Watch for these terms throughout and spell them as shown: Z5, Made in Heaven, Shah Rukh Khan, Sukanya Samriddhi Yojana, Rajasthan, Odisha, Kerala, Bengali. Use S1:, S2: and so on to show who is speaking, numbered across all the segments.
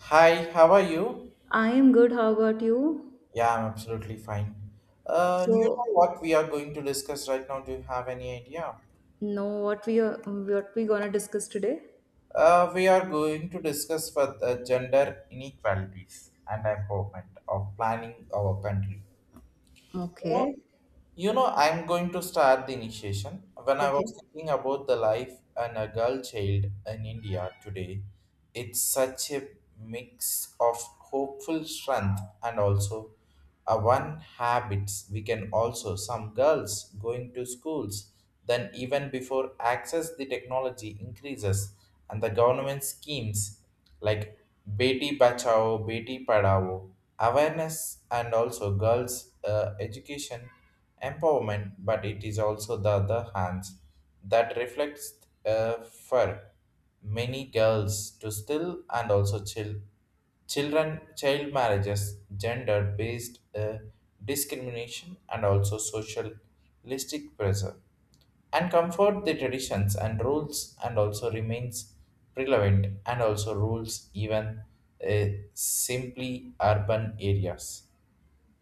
S1: Hi, how are you?
S2: I am good. How about you?
S1: Yeah, I'm absolutely fine. You
S2: So,
S1: know what we are going to discuss right now? Do you have any idea?
S2: know what we are, what we gonna discuss today?
S1: We are going to discuss for the gender inequalities and empowerment of planning our country. You
S2: Okay.
S1: know, I'm going to start the initiation. When I
S2: Okay.
S1: was thinking about the life and a girl child in India today, it's such a mix of hopeful strength and also a one habits. We can also some girls going to schools. Then even before access the technology increases and the government schemes like Beti Bachao, Beti Padhao, awareness and also girls' education empowerment, but it is also the other hands that reflects for many girls to still and also chill, children child marriages, gender based discrimination, and also socialistic pressure. And comfort the traditions and rules, and also remains relevant and also rules even uh, simply urban areas.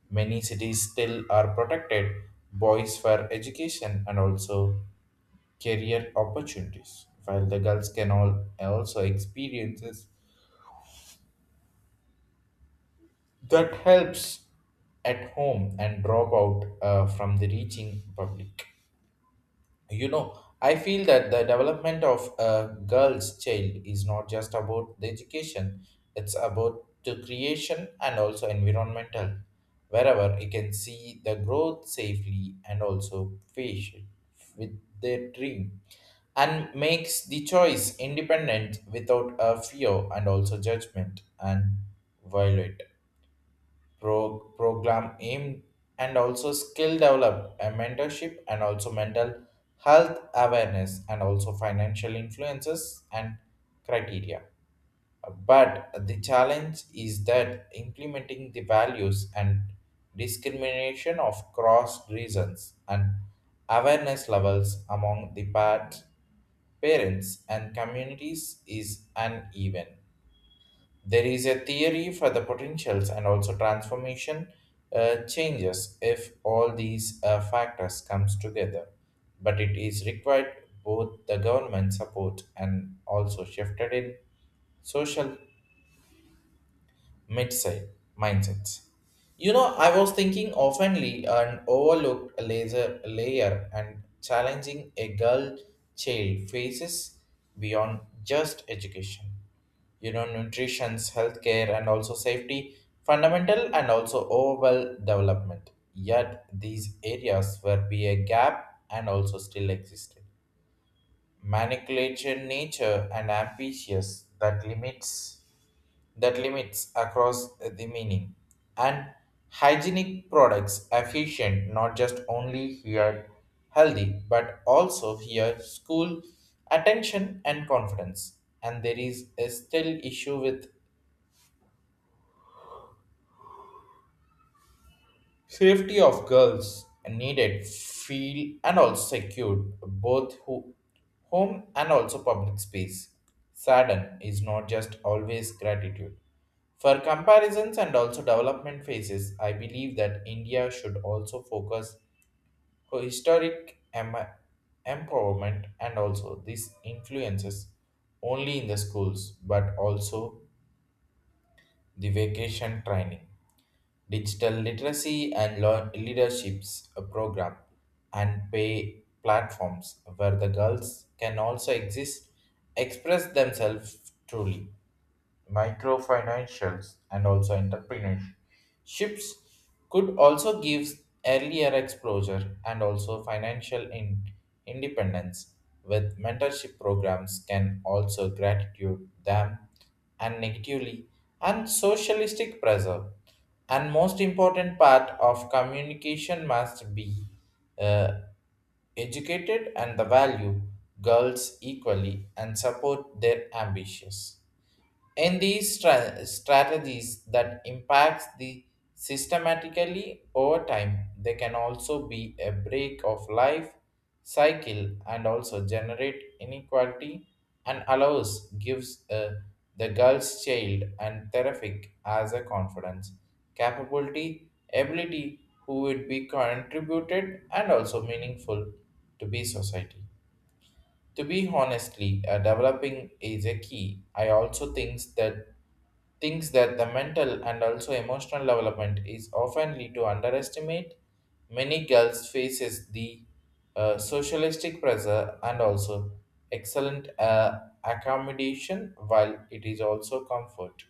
S1: Many cities still are protected boys for education and also career opportunities, while the girls can all also experiences that helps at home and drop out from the reaching public. I feel that the development of a girl's child is not just about the education. It's about the creation and also environmental wherever you can see the growth safely and also patient with their dream and makes the choice independent without a fear and also judgment and violent program aim and also skill develop and mentorship and also mental health awareness and also financial influences and criteria, but the challenge is that implementing the values and discrimination of cross reasons and awareness levels among the part parents and communities is uneven. There is a theory for the potentials and also transformation changes if all these factors comes together, but it is required both the government support and also shifted in social Midside mindsets. You know, I was thinking oftenly an overlooked laser layer and challenging a girl child faces beyond just education. You know, nutrition, healthcare, and also safety, fundamental and also overall development. Yet these areas where be a gap and also still existed. Manipulation nature and ambitious that limits across the meaning. And hygienic products efficient not just only here healthy but also here school attention and confidence. And there is a still issue with safety of girls needed feel and also secured both home and also public space. Sadden is not just always gratitude. For comparisons and also development phases, I believe that India should also focus on historic empowerment and also these influences only in the schools but also the vacation training, digital literacy, and leaderships program and pay platforms where the girls can also exist, express themselves truly. Microfinancials and also entrepreneurships could also give earlier exposure and also financial independence with mentorship programs can also gratitude them and negatively and socialistic pressure. And most important part of communication must be uh, educated and the value girls equally and support their ambitions in these strategies that impacts the systematically over time. They can also be a break of life cycle and also generate inequality and allows gives the girl's child and terrific as a confidence, capability, ability who would be contributed and also meaningful to be society, to be honestly, developing is a key. I also thinks that the mental and also emotional development is often lead to underestimate. Many girls faces the socialistic pressure and also excellent accommodation, while it is also comfort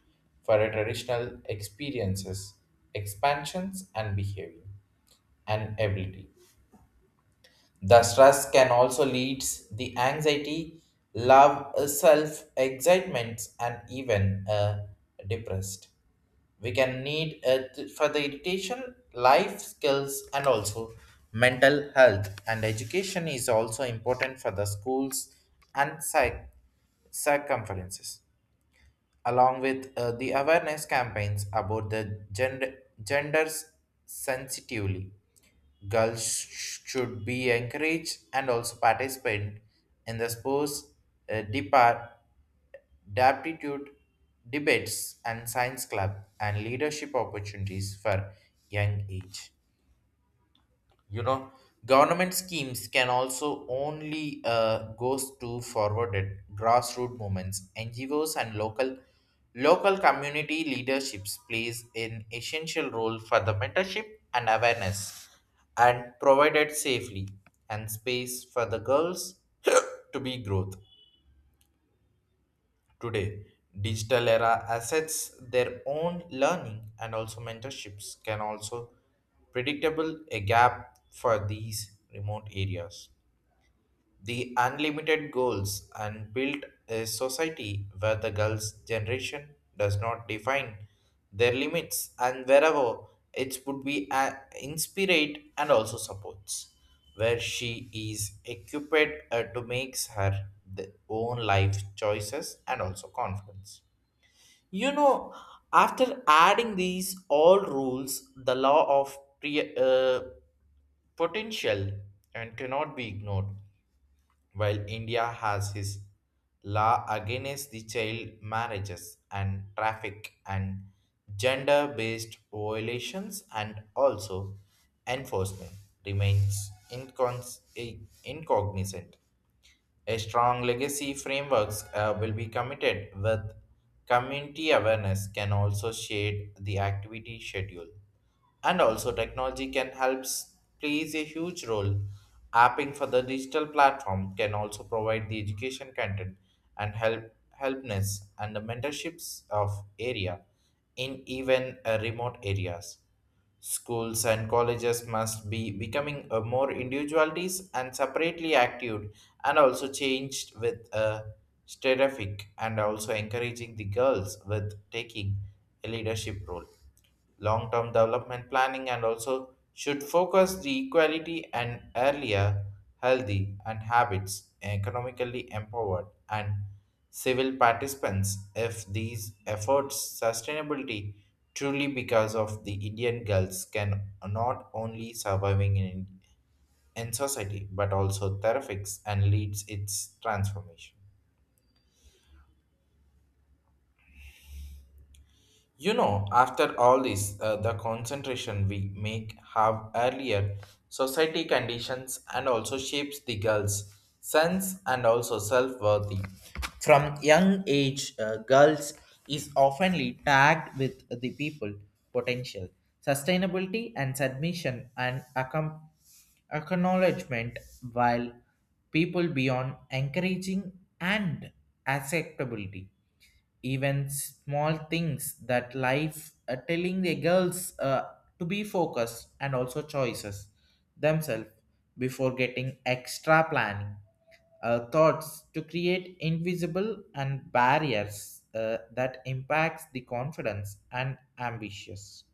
S1: for a traditional experiences, expansions, and behavior and ability. The stress can also lead the anxiety, love, self excitement, and even depressed. We can need for the irritation, life skills, and also mental health and education is also important for the schools and psych circumferences, along with the awareness campaigns about the gender genders sensitively. Girls should be encouraged and also participate in the sports, depart, aptitude, debates and science club and leadership opportunities for young age. you know Government schemes can also only goes to forwarded grassroots movements, NGOs, and local community leaderships plays an essential role for the mentorship and awareness and provided safely and space for the girls to be growth. Today, digital era assets their own learning and also mentorships can also predictable a gap for these remote areas, the unlimited goals and built a society where the girls' generation does not define their limits and wherever it would be inspired and also supports, where she is equipped to make her the own life choices and also confidence. You know, after adding these all rules, the law of potential and cannot be ignored. While India has his law against the child marriages and traffic and gender based violations and also enforcement remains incognizant, a strong legacy frameworks will be committed with community awareness can also shade the activity schedule. And also technology can help plays a huge role. Apping for the digital platform can also provide the education content and helpness and the mentorships of area in even remote areas. Schools and colleges must be becoming a more individualities and separately active and also changed with a terrific and also encouraging the girls with taking a leadership role. Long term development planning and also should focus the equality and earlier healthy and habits, economically empowered and civil participants. If these efforts sustainability truly because of the Indian girls can not only surviving in society but also therapies and leads its transformation. You know, after all this, the concentration we make have earlier society conditions and also shapes the girls' sense and also self-worthy. From young age, girls is oftenly tagged with the people potential, sustainability, and submission, and acknowledgement, while people beyond encouraging and acceptability. Even small things that life telling the girls to be focused and also choices themselves before getting extra planning thoughts to create invisible and barriers that impacts the confidence and ambitious.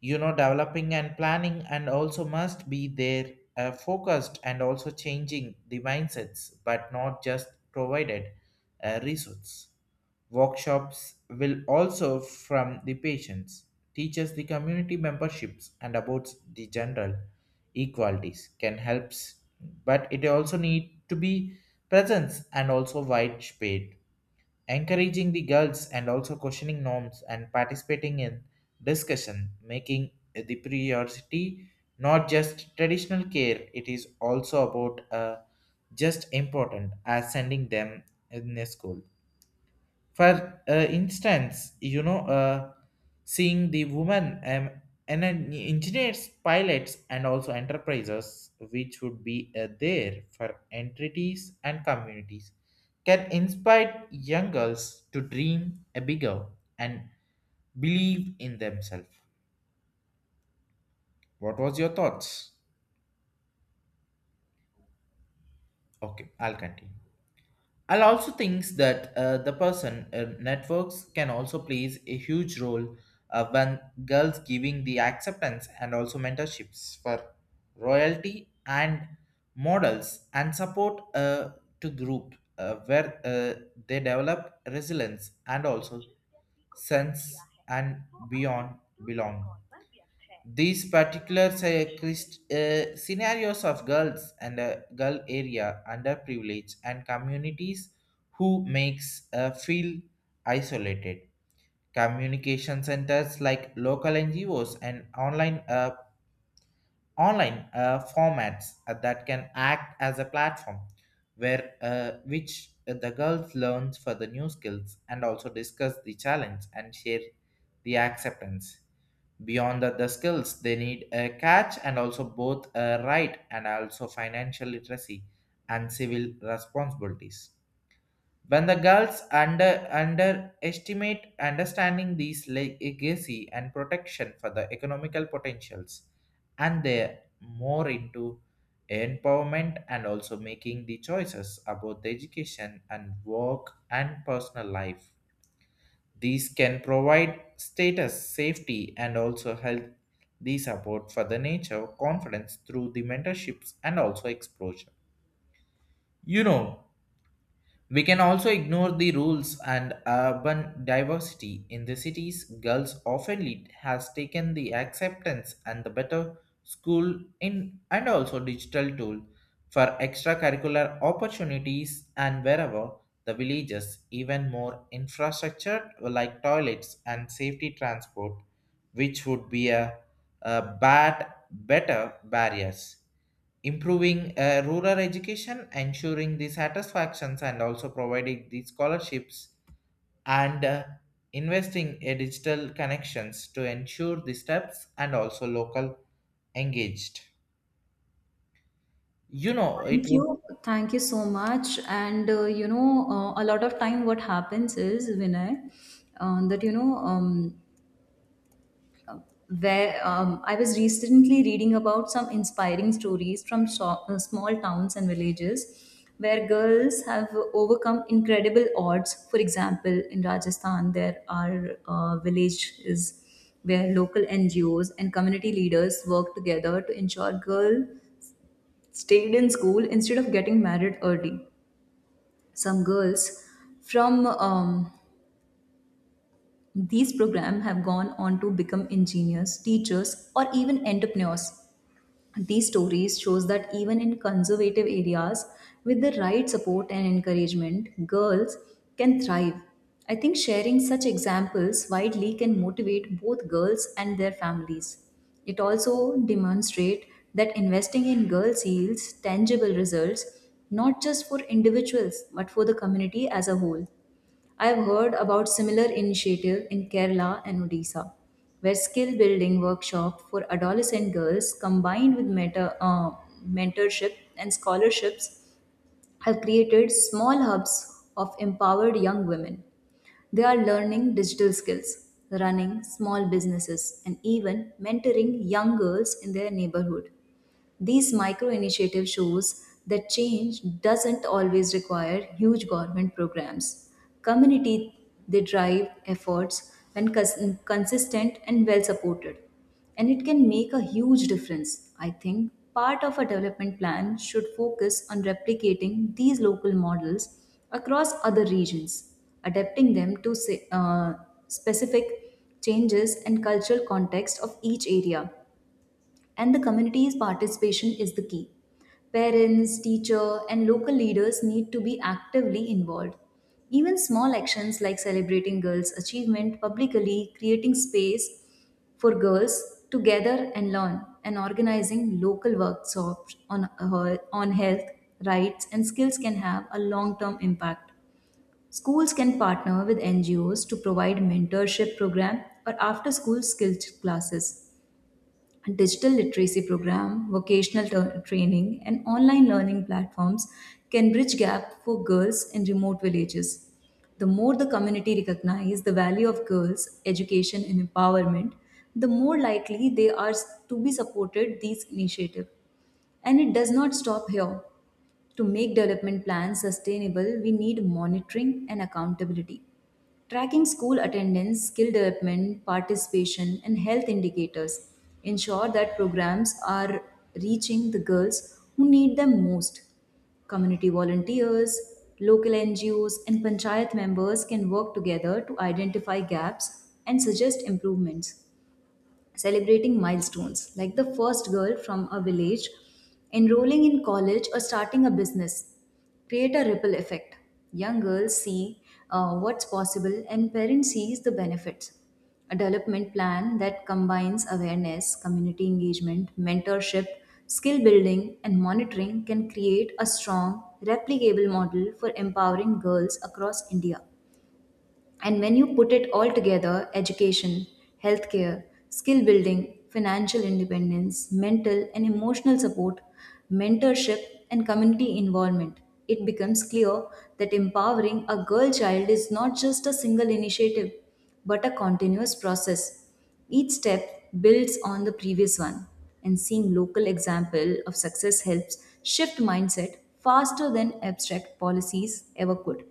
S1: Developing and planning and also must be there, focused and also changing the mindsets but not just provided resource. Workshops will also from the patients, teachers, the community memberships and about the general equalities can help, but it also need to be presence and also wide spread, encouraging the girls and also questioning norms and participating in discussion, making the priority not just traditional care. It is also about just important as sending them in a school. For instance, seeing the women and then engineers, pilots, and also enterprises, which would be there for entities and communities, can inspire young girls to dream a bigger and believe in themselves. What was your thoughts? Okay, I'll continue. I'll also thinks that the person networks can also plays a huge role when girls giving the acceptance and also mentorships for royalty and models and support to group where they develop resilience and also sense and beyond belong. These particular scenarios of girls and girl area underprivileged and communities who makes feel isolated. Communication centers like local NGOs and online formats that can act as a platform where which the girls learns for the new skills and also discuss the challenge and share the acceptance. Beyond that, the skills they need a catch and also both a right and also financial literacy and civil responsibilities. When the girls understanding these legacy and protection for the economical potentials, and they're more into empowerment and also making the choices about the education and work and personal life. These can provide status, safety, and also health, the support for the nature, confidence through the mentorships and also exposure. You know, we can also ignore the rules and urban diversity in the cities. Girls often lead has taken the acceptance and the better school in and also digital tool for extracurricular opportunities and wherever the villages even more infrastructure like toilets and safety transport, which would be a bad better barriers, improving rural education, ensuring the satisfactions, and also providing the scholarships and investing in digital connections to ensure the steps and also local engaged. You know, it
S2: Thank
S1: would.
S2: you. Thank you so much. And you know, a lot of time what happens is Vinay, that you know, where I was recently reading about some inspiring stories from small towns and villages where girls have overcome incredible odds. For example, in Rajasthan, there are villages where local NGOs and community leaders work together to ensure girls stayed in school instead of getting married early. Some girls from these programs have gone on to become engineers, teachers, or even entrepreneurs. These stories shows that even in conservative areas with the right support and encouragement, girls can thrive. I think sharing such examples widely can motivate both girls and their families. It also demonstrate that investing in girls yields tangible results, not just for individuals but for the community as a whole. I have heard about similar initiative in Kerala and Odisha, where skill building workshop for adolescent girls combined with mentorship and scholarships have created small hubs of empowered young women. They are learning digital skills, running small businesses, and even mentoring young girls in their neighborhood. These micro initiative shows that change doesn't always require huge government programs. Community they drive efforts when consistent and well supported, and it can make a huge difference. I think part of a development plan should focus on replicating these local models across other regions, adapting them to specific changes and cultural context of each area, and the community's participation is the key. Parents, teacher, and local leaders need to be actively involved. Even small actions like celebrating girls' achievement publicly, creating space for girls to gather and learn, and organizing local workshops on health, rights, and skills can have a long term impact. Schools can partner with NGOs to provide mentorship program or after school skills classes, digital literacy program, training, and online learning platforms can bridge gap for girls in remote villages. The more the community recognize the value of girls' education and empowerment, the more likely they are to be supported these initiatives. And it does not stop here. To make development plans sustainable, we need monitoring and accountability. Tracking school attendance, skill development, participation, and health indicators ensure that programs are reaching the girls who need them most. Community volunteers, local NGOs, and panchayat members can work together to identify gaps and suggest improvements, celebrating milestones like the first girl from a village enrolling in college or starting a business create a ripple effect. Young girls see what's possible and parents sees the benefits. A development plan that combines awareness, community engagement, mentorship, skill building and monitoring can create a strong replicable model for empowering girls across India. And when you put it all together, education, healthcare, skill building, financial independence, mental and emotional support, mentorship, and community involvement, it becomes clear that empowering a girl child is not just a single initiative but a continuous process. Each step builds on the previous one, and seeing local example of success helps shift mindset faster than abstract policies ever could.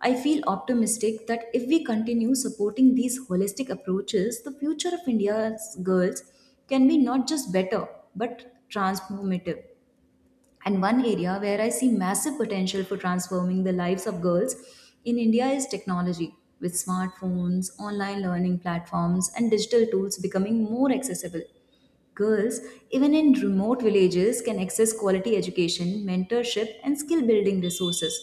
S2: I feel optimistic that if we continue supporting these holistic approaches, the future of India's girls can be not just better but transformative. And one area where I see massive potential for transforming the lives of girls in India is technology, with smartphones, online learning platforms, and digital tools becoming more accessible. Girls, even in remote villages, can access quality education, mentorship, and skill building resources.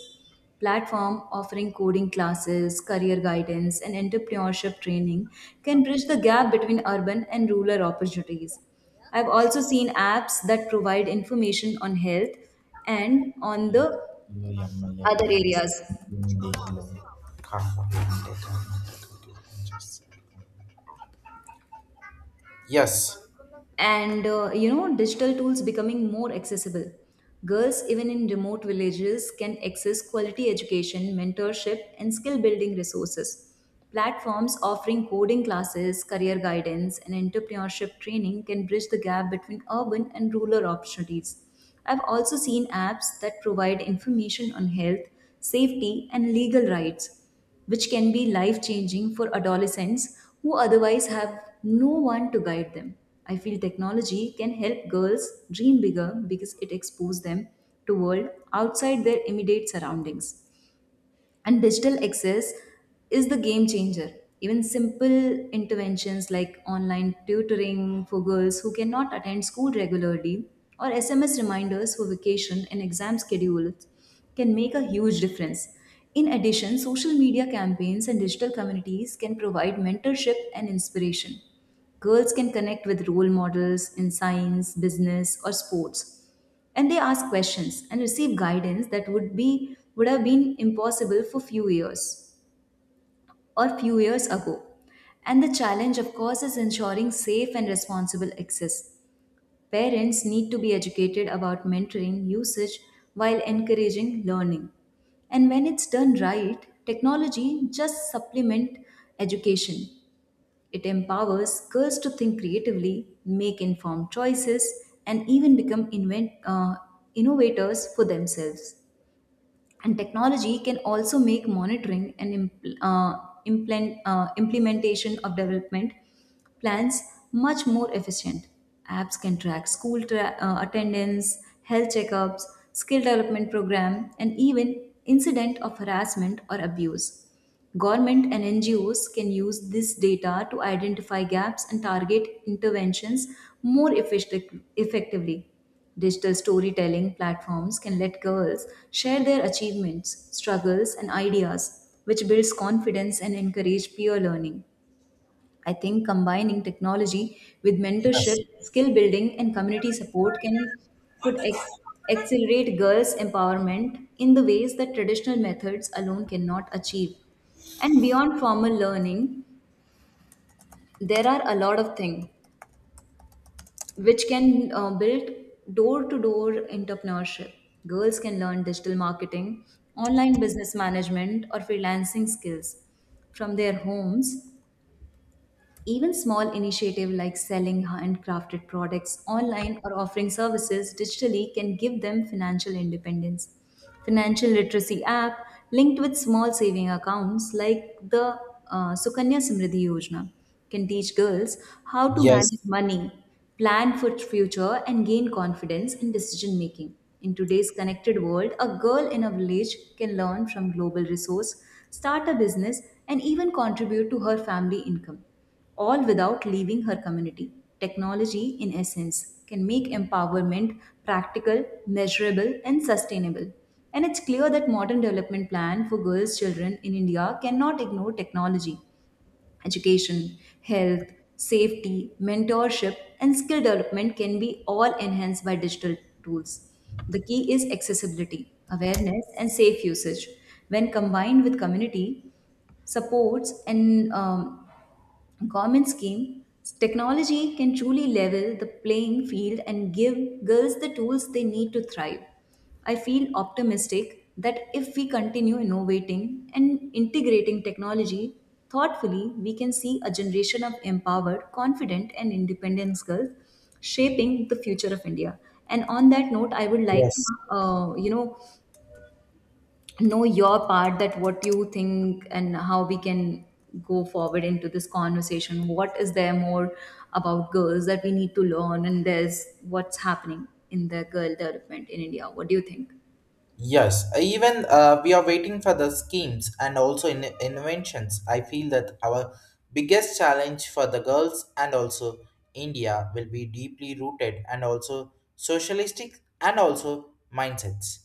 S2: Platform offering coding classes, career guidance, and entrepreneurship training can bridge the gap between urban and rural opportunities. I've also seen apps that provide information on health and on the other areas.
S1: Yes,
S2: And you know, digital tools becoming more accessible, girls even in remote villages can access quality education, mentorship and skill building resources. Platforms offering coding classes, career guidance and entrepreneurship training can bridge the gap between urban and rural opportunities. I've also seen apps that provide information on health, safety and legal rights, which can be life changing for adolescents who otherwise have no one to guide them. I feel technology can help girls dream bigger because it exposes them to world outside their immediate surroundings, and digital access is the game changer. Even simple interventions like online tutoring for girls who cannot attend school regularly or SMS reminders for vacation and exam schedules can make a huge difference. In addition, social media campaigns and digital communities can provide mentorship and inspiration. Girls can connect with role models in science, business or sports, and they ask questions and receive guidance that would have been impossible for few years ago. And the challenge of course is ensuring safe and responsible access. Parents need to be educated about mentoring usage while encouraging learning. And when it's done right, technology just supplement education, it empowers girls to think creatively, make informed choices, and even become innovators for themselves. And technology can also make monitoring and implementation of development plans much more efficient. Apps can track school attendance, health checkups, skill development program, and even incident of harassment or abuse. Government and NGOs can use this data to identify gaps and target interventions more effectively. Digital storytelling platforms can let girls share their achievements, struggles, and ideas, which builds confidence and encourage peer learning. I think combining technology with
S1: yes,
S2: mentorship, skill building, and community support could ac- accelerate girls' empowerment in the ways that traditional methods alone cannot achieve. And beyond formal learning, there are a lot of things which can build door to door entrepreneurship. Girls can learn digital marketing, online business management, or freelancing skills from their homes. Even small initiatives like selling handcrafted products online or offering services digitally can give them financial independence. Financial literacy app linked with small saving accounts like the Sukanya Samriddhi Yojana can teach girls how to manage
S1: yes,
S2: money, plan for future and gain confidence in decision making. In today's connected world, a girl in a village can learn from global resource, start a business and even contribute to her family income, all without leaving her community. Technology, in essence, can make empowerment practical, measurable, and sustainable. And it's clear that modern development plan for girls' children in India cannot ignore technology. Education, health, safety, mentorship, and skill development can be all enhanced by digital tools. The key is accessibility, awareness, and safe usage. When combined with community supports and government scheme, technology can truly level the playing field and give girls the tools they need to thrive. I feel optimistic that if we continue innovating and integrating technology thoughtfully, we can see a generation of empowered, confident, and independent girls shaping the future of India. And on that note, I would like to,
S1: yes.
S2: you know your part that what you think and how we can go forward into this conversation. What is there more about girls that we need to learn, and there's what's happening in the girl development in India? What do you think?
S1: Yes, even we are waiting for the schemes and also in inventions. I feel that our biggest challenge for the girls and also India will be deeply rooted and also socialistic and also mindsets.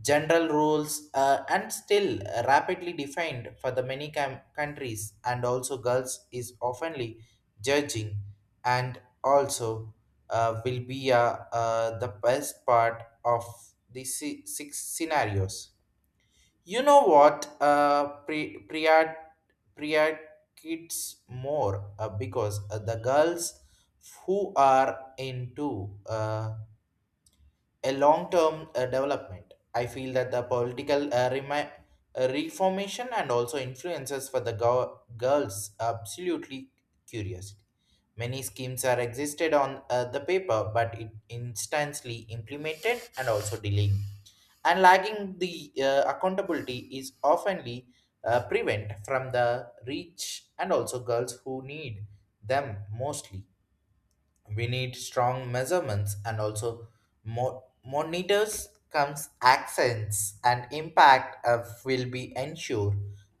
S1: General rules and still rapidly defined for the many countries and also girls is oftenly judging and also will be the best part of the six scenarios. You know what? Priya, Priya kids more because the girls who are into a long-term development. I feel that the political reformation and also influences for the girls absolutely curiosity. Many schemes are existed on the paper, but it instantly implemented and also delaying. And lagging the accountability is oftenly prevent from the reach and also girls who need them mostly, we need strong measurements and also monitors comes accents and impact of will be ensure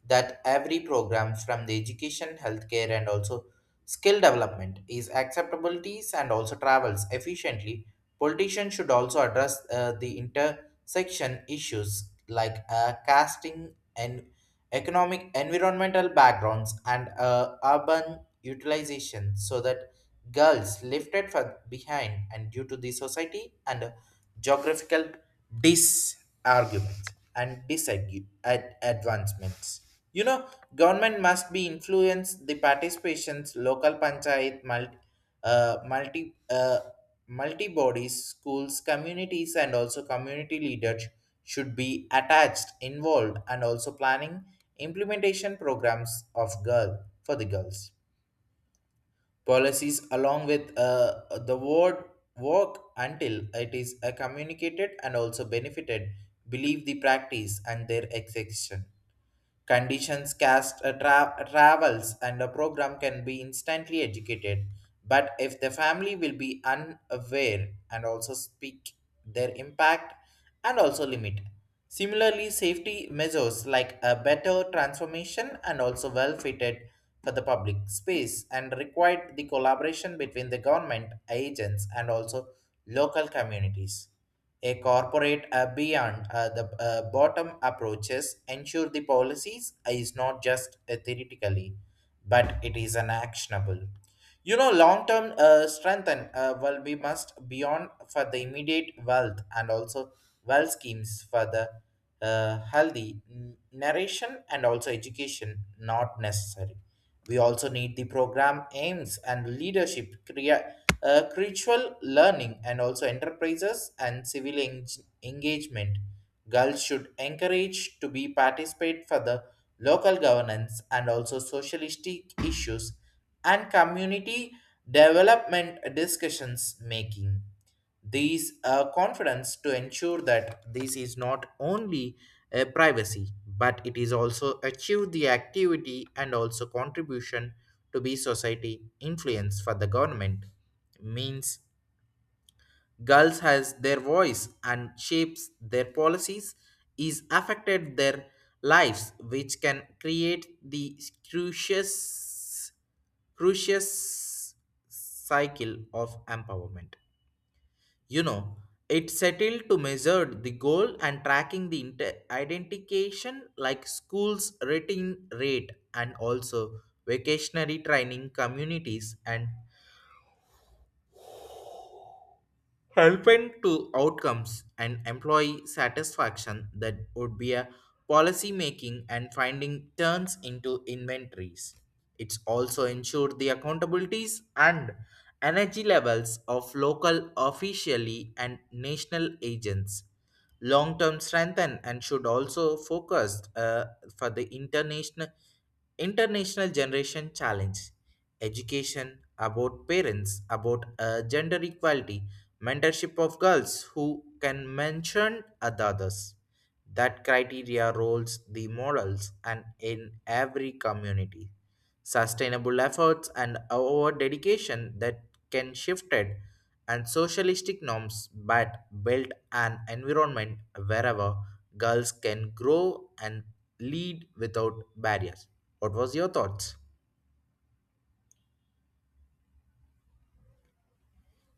S1: that every program from the education healthcare and also skill development is acceptabilities and also travels efficiently. Politicians should also address the intersection issues like casting and economic, environmental backgrounds and urban utilization so that girls lifted for behind and due to the society and geographical disarguments and disadvancements. You know, government must be influence the participations, local panchayat, uh, multi, uh, multi bodies, schools, communities, and also community leaders should be attached, involved, and also planning implementation programs of girl for the girls policies along with the word work until it is communicated and also benefited believe the practice and their execution. Conditions cast travels and a program can be instantly educated, but if the family will be unaware and also speak their impact and also limit. Similarly, safety measures like a better transformation and also well fitted for the public space and required the collaboration between the government agents and also local communities. A corporate beyond the bottom approaches ensure the policies is not just theoretically, but it is an actionable. You know, long-term strengthen well, we must beyond for the immediate wealth and also wealth schemes for the healthy narration and also education not necessary. We also need the program aims and leadership, critical learning, and also enterprises and civil engagement. Girls should encourage to be participate for the local governance and also socialistic issues and community development discussions making these confidence to ensure that this is not only a privacy but it is also achieve the activity and also contribution to be society influence for the government means girls has their voice and shapes their policies is affected their lives, which can create the crucious crucious cycle of empowerment. You know, it settled to measure the goal and tracking the identification like schools rating rate and also vacationary training communities and helping to outcomes and employee satisfaction that would be a policy making and finding turns into inventories. It's also ensure the accountabilities and energy levels of local officially and national agents long term strengthen and should also focus for the International Generation Challenge Education about parents, about gender equality, mentorship of girls who can mention others. That criteria roles the morals and in every community sustainable efforts and our dedication that can shifted and socialistic norms but build an environment wherever girls can grow and lead without barriers. What was your thoughts?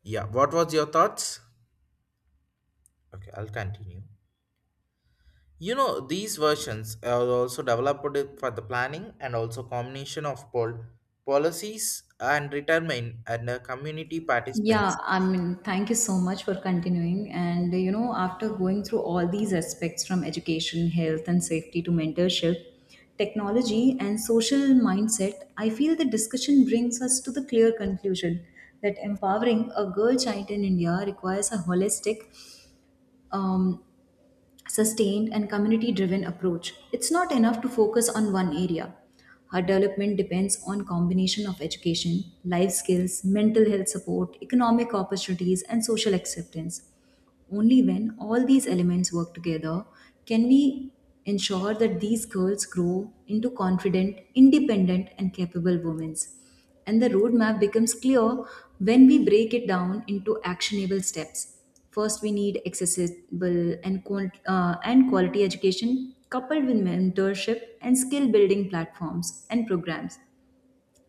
S1: Yeah, what was your thoughts? Okay, I'll continue. You know, these versions are also developed for the planning and also combination of policies and retirement and community
S2: Yeah,
S1: participants.
S2: I mean, thank you so much for continuing. And, you know, after going through all these aspects from education, health, and safety to mentorship, technology, and social mindset, I feel the discussion brings us to the clear conclusion that empowering a girl child in India requires a holistic, um, sustained, and community driven approach. It's not enough to focus on one area. Her development depends on combination of education, life skills, mental health support, economic opportunities, and social acceptance. Only when all these elements work together can we ensure that these girls grow into confident, independent, and capable women. And the roadmap becomes clear when we break it down into actionable steps. First, we need accessible and quality education coupled with mentorship and skill building platforms and programs.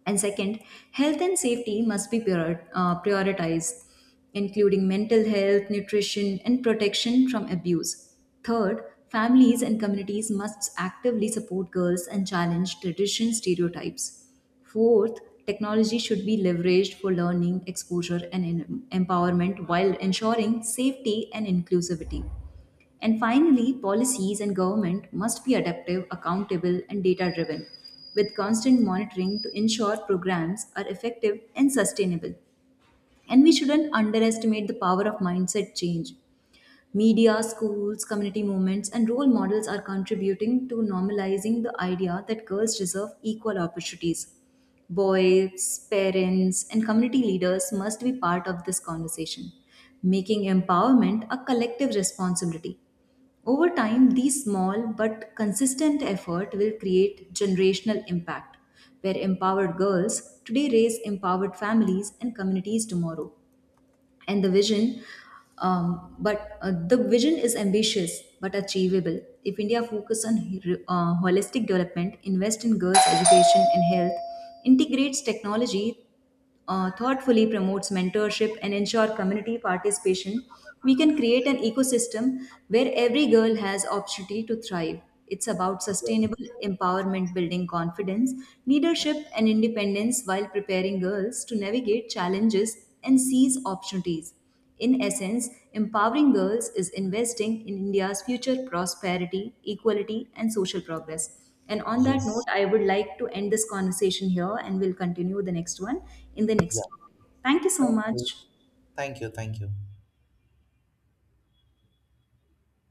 S2: And second, health and safety must be prioritized, including mental health, nutrition, and protection from abuse. Third, families and communities must actively support girls and challenge tradition stereotypes. Fourth, technology should be leveraged for learning, exposure, and empowerment while ensuring safety and inclusivity. And finally, policies and government must be adaptive, accountable, and data driven, with constant monitoring to ensure programs are effective and sustainable. And we shouldn't underestimate the power of mindset change. Media, schools, community movements, and role models are contributing to normalizing the idea that girls deserve equal opportunities. Boys, parents, and community leaders must be part of this conversation, making empowerment a collective responsibility. Over time, these small but consistent effort will create generational impact, where empowered girls today raise empowered families and communities tomorrow. And the vision is ambitious but achievable. If India focuses on holistic development, invest in girls' education and health, integrates technology thoughtfully, promotes mentorship and ensure community participation, we can create an ecosystem where every girl has opportunity to thrive. It's about
S1: Yes,
S2: sustainable empowerment, building confidence, leadership, and independence while preparing girls to navigate challenges and seize opportunities. In essence, empowering girls is investing in India's future prosperity, equality, and social progress. And on that note,
S1: yes,
S2: I would like to end this conversation here, and we'll continue the next one in the next topic. Thank you so
S1: yeah.
S2: much.
S1: Thank you. Thank you.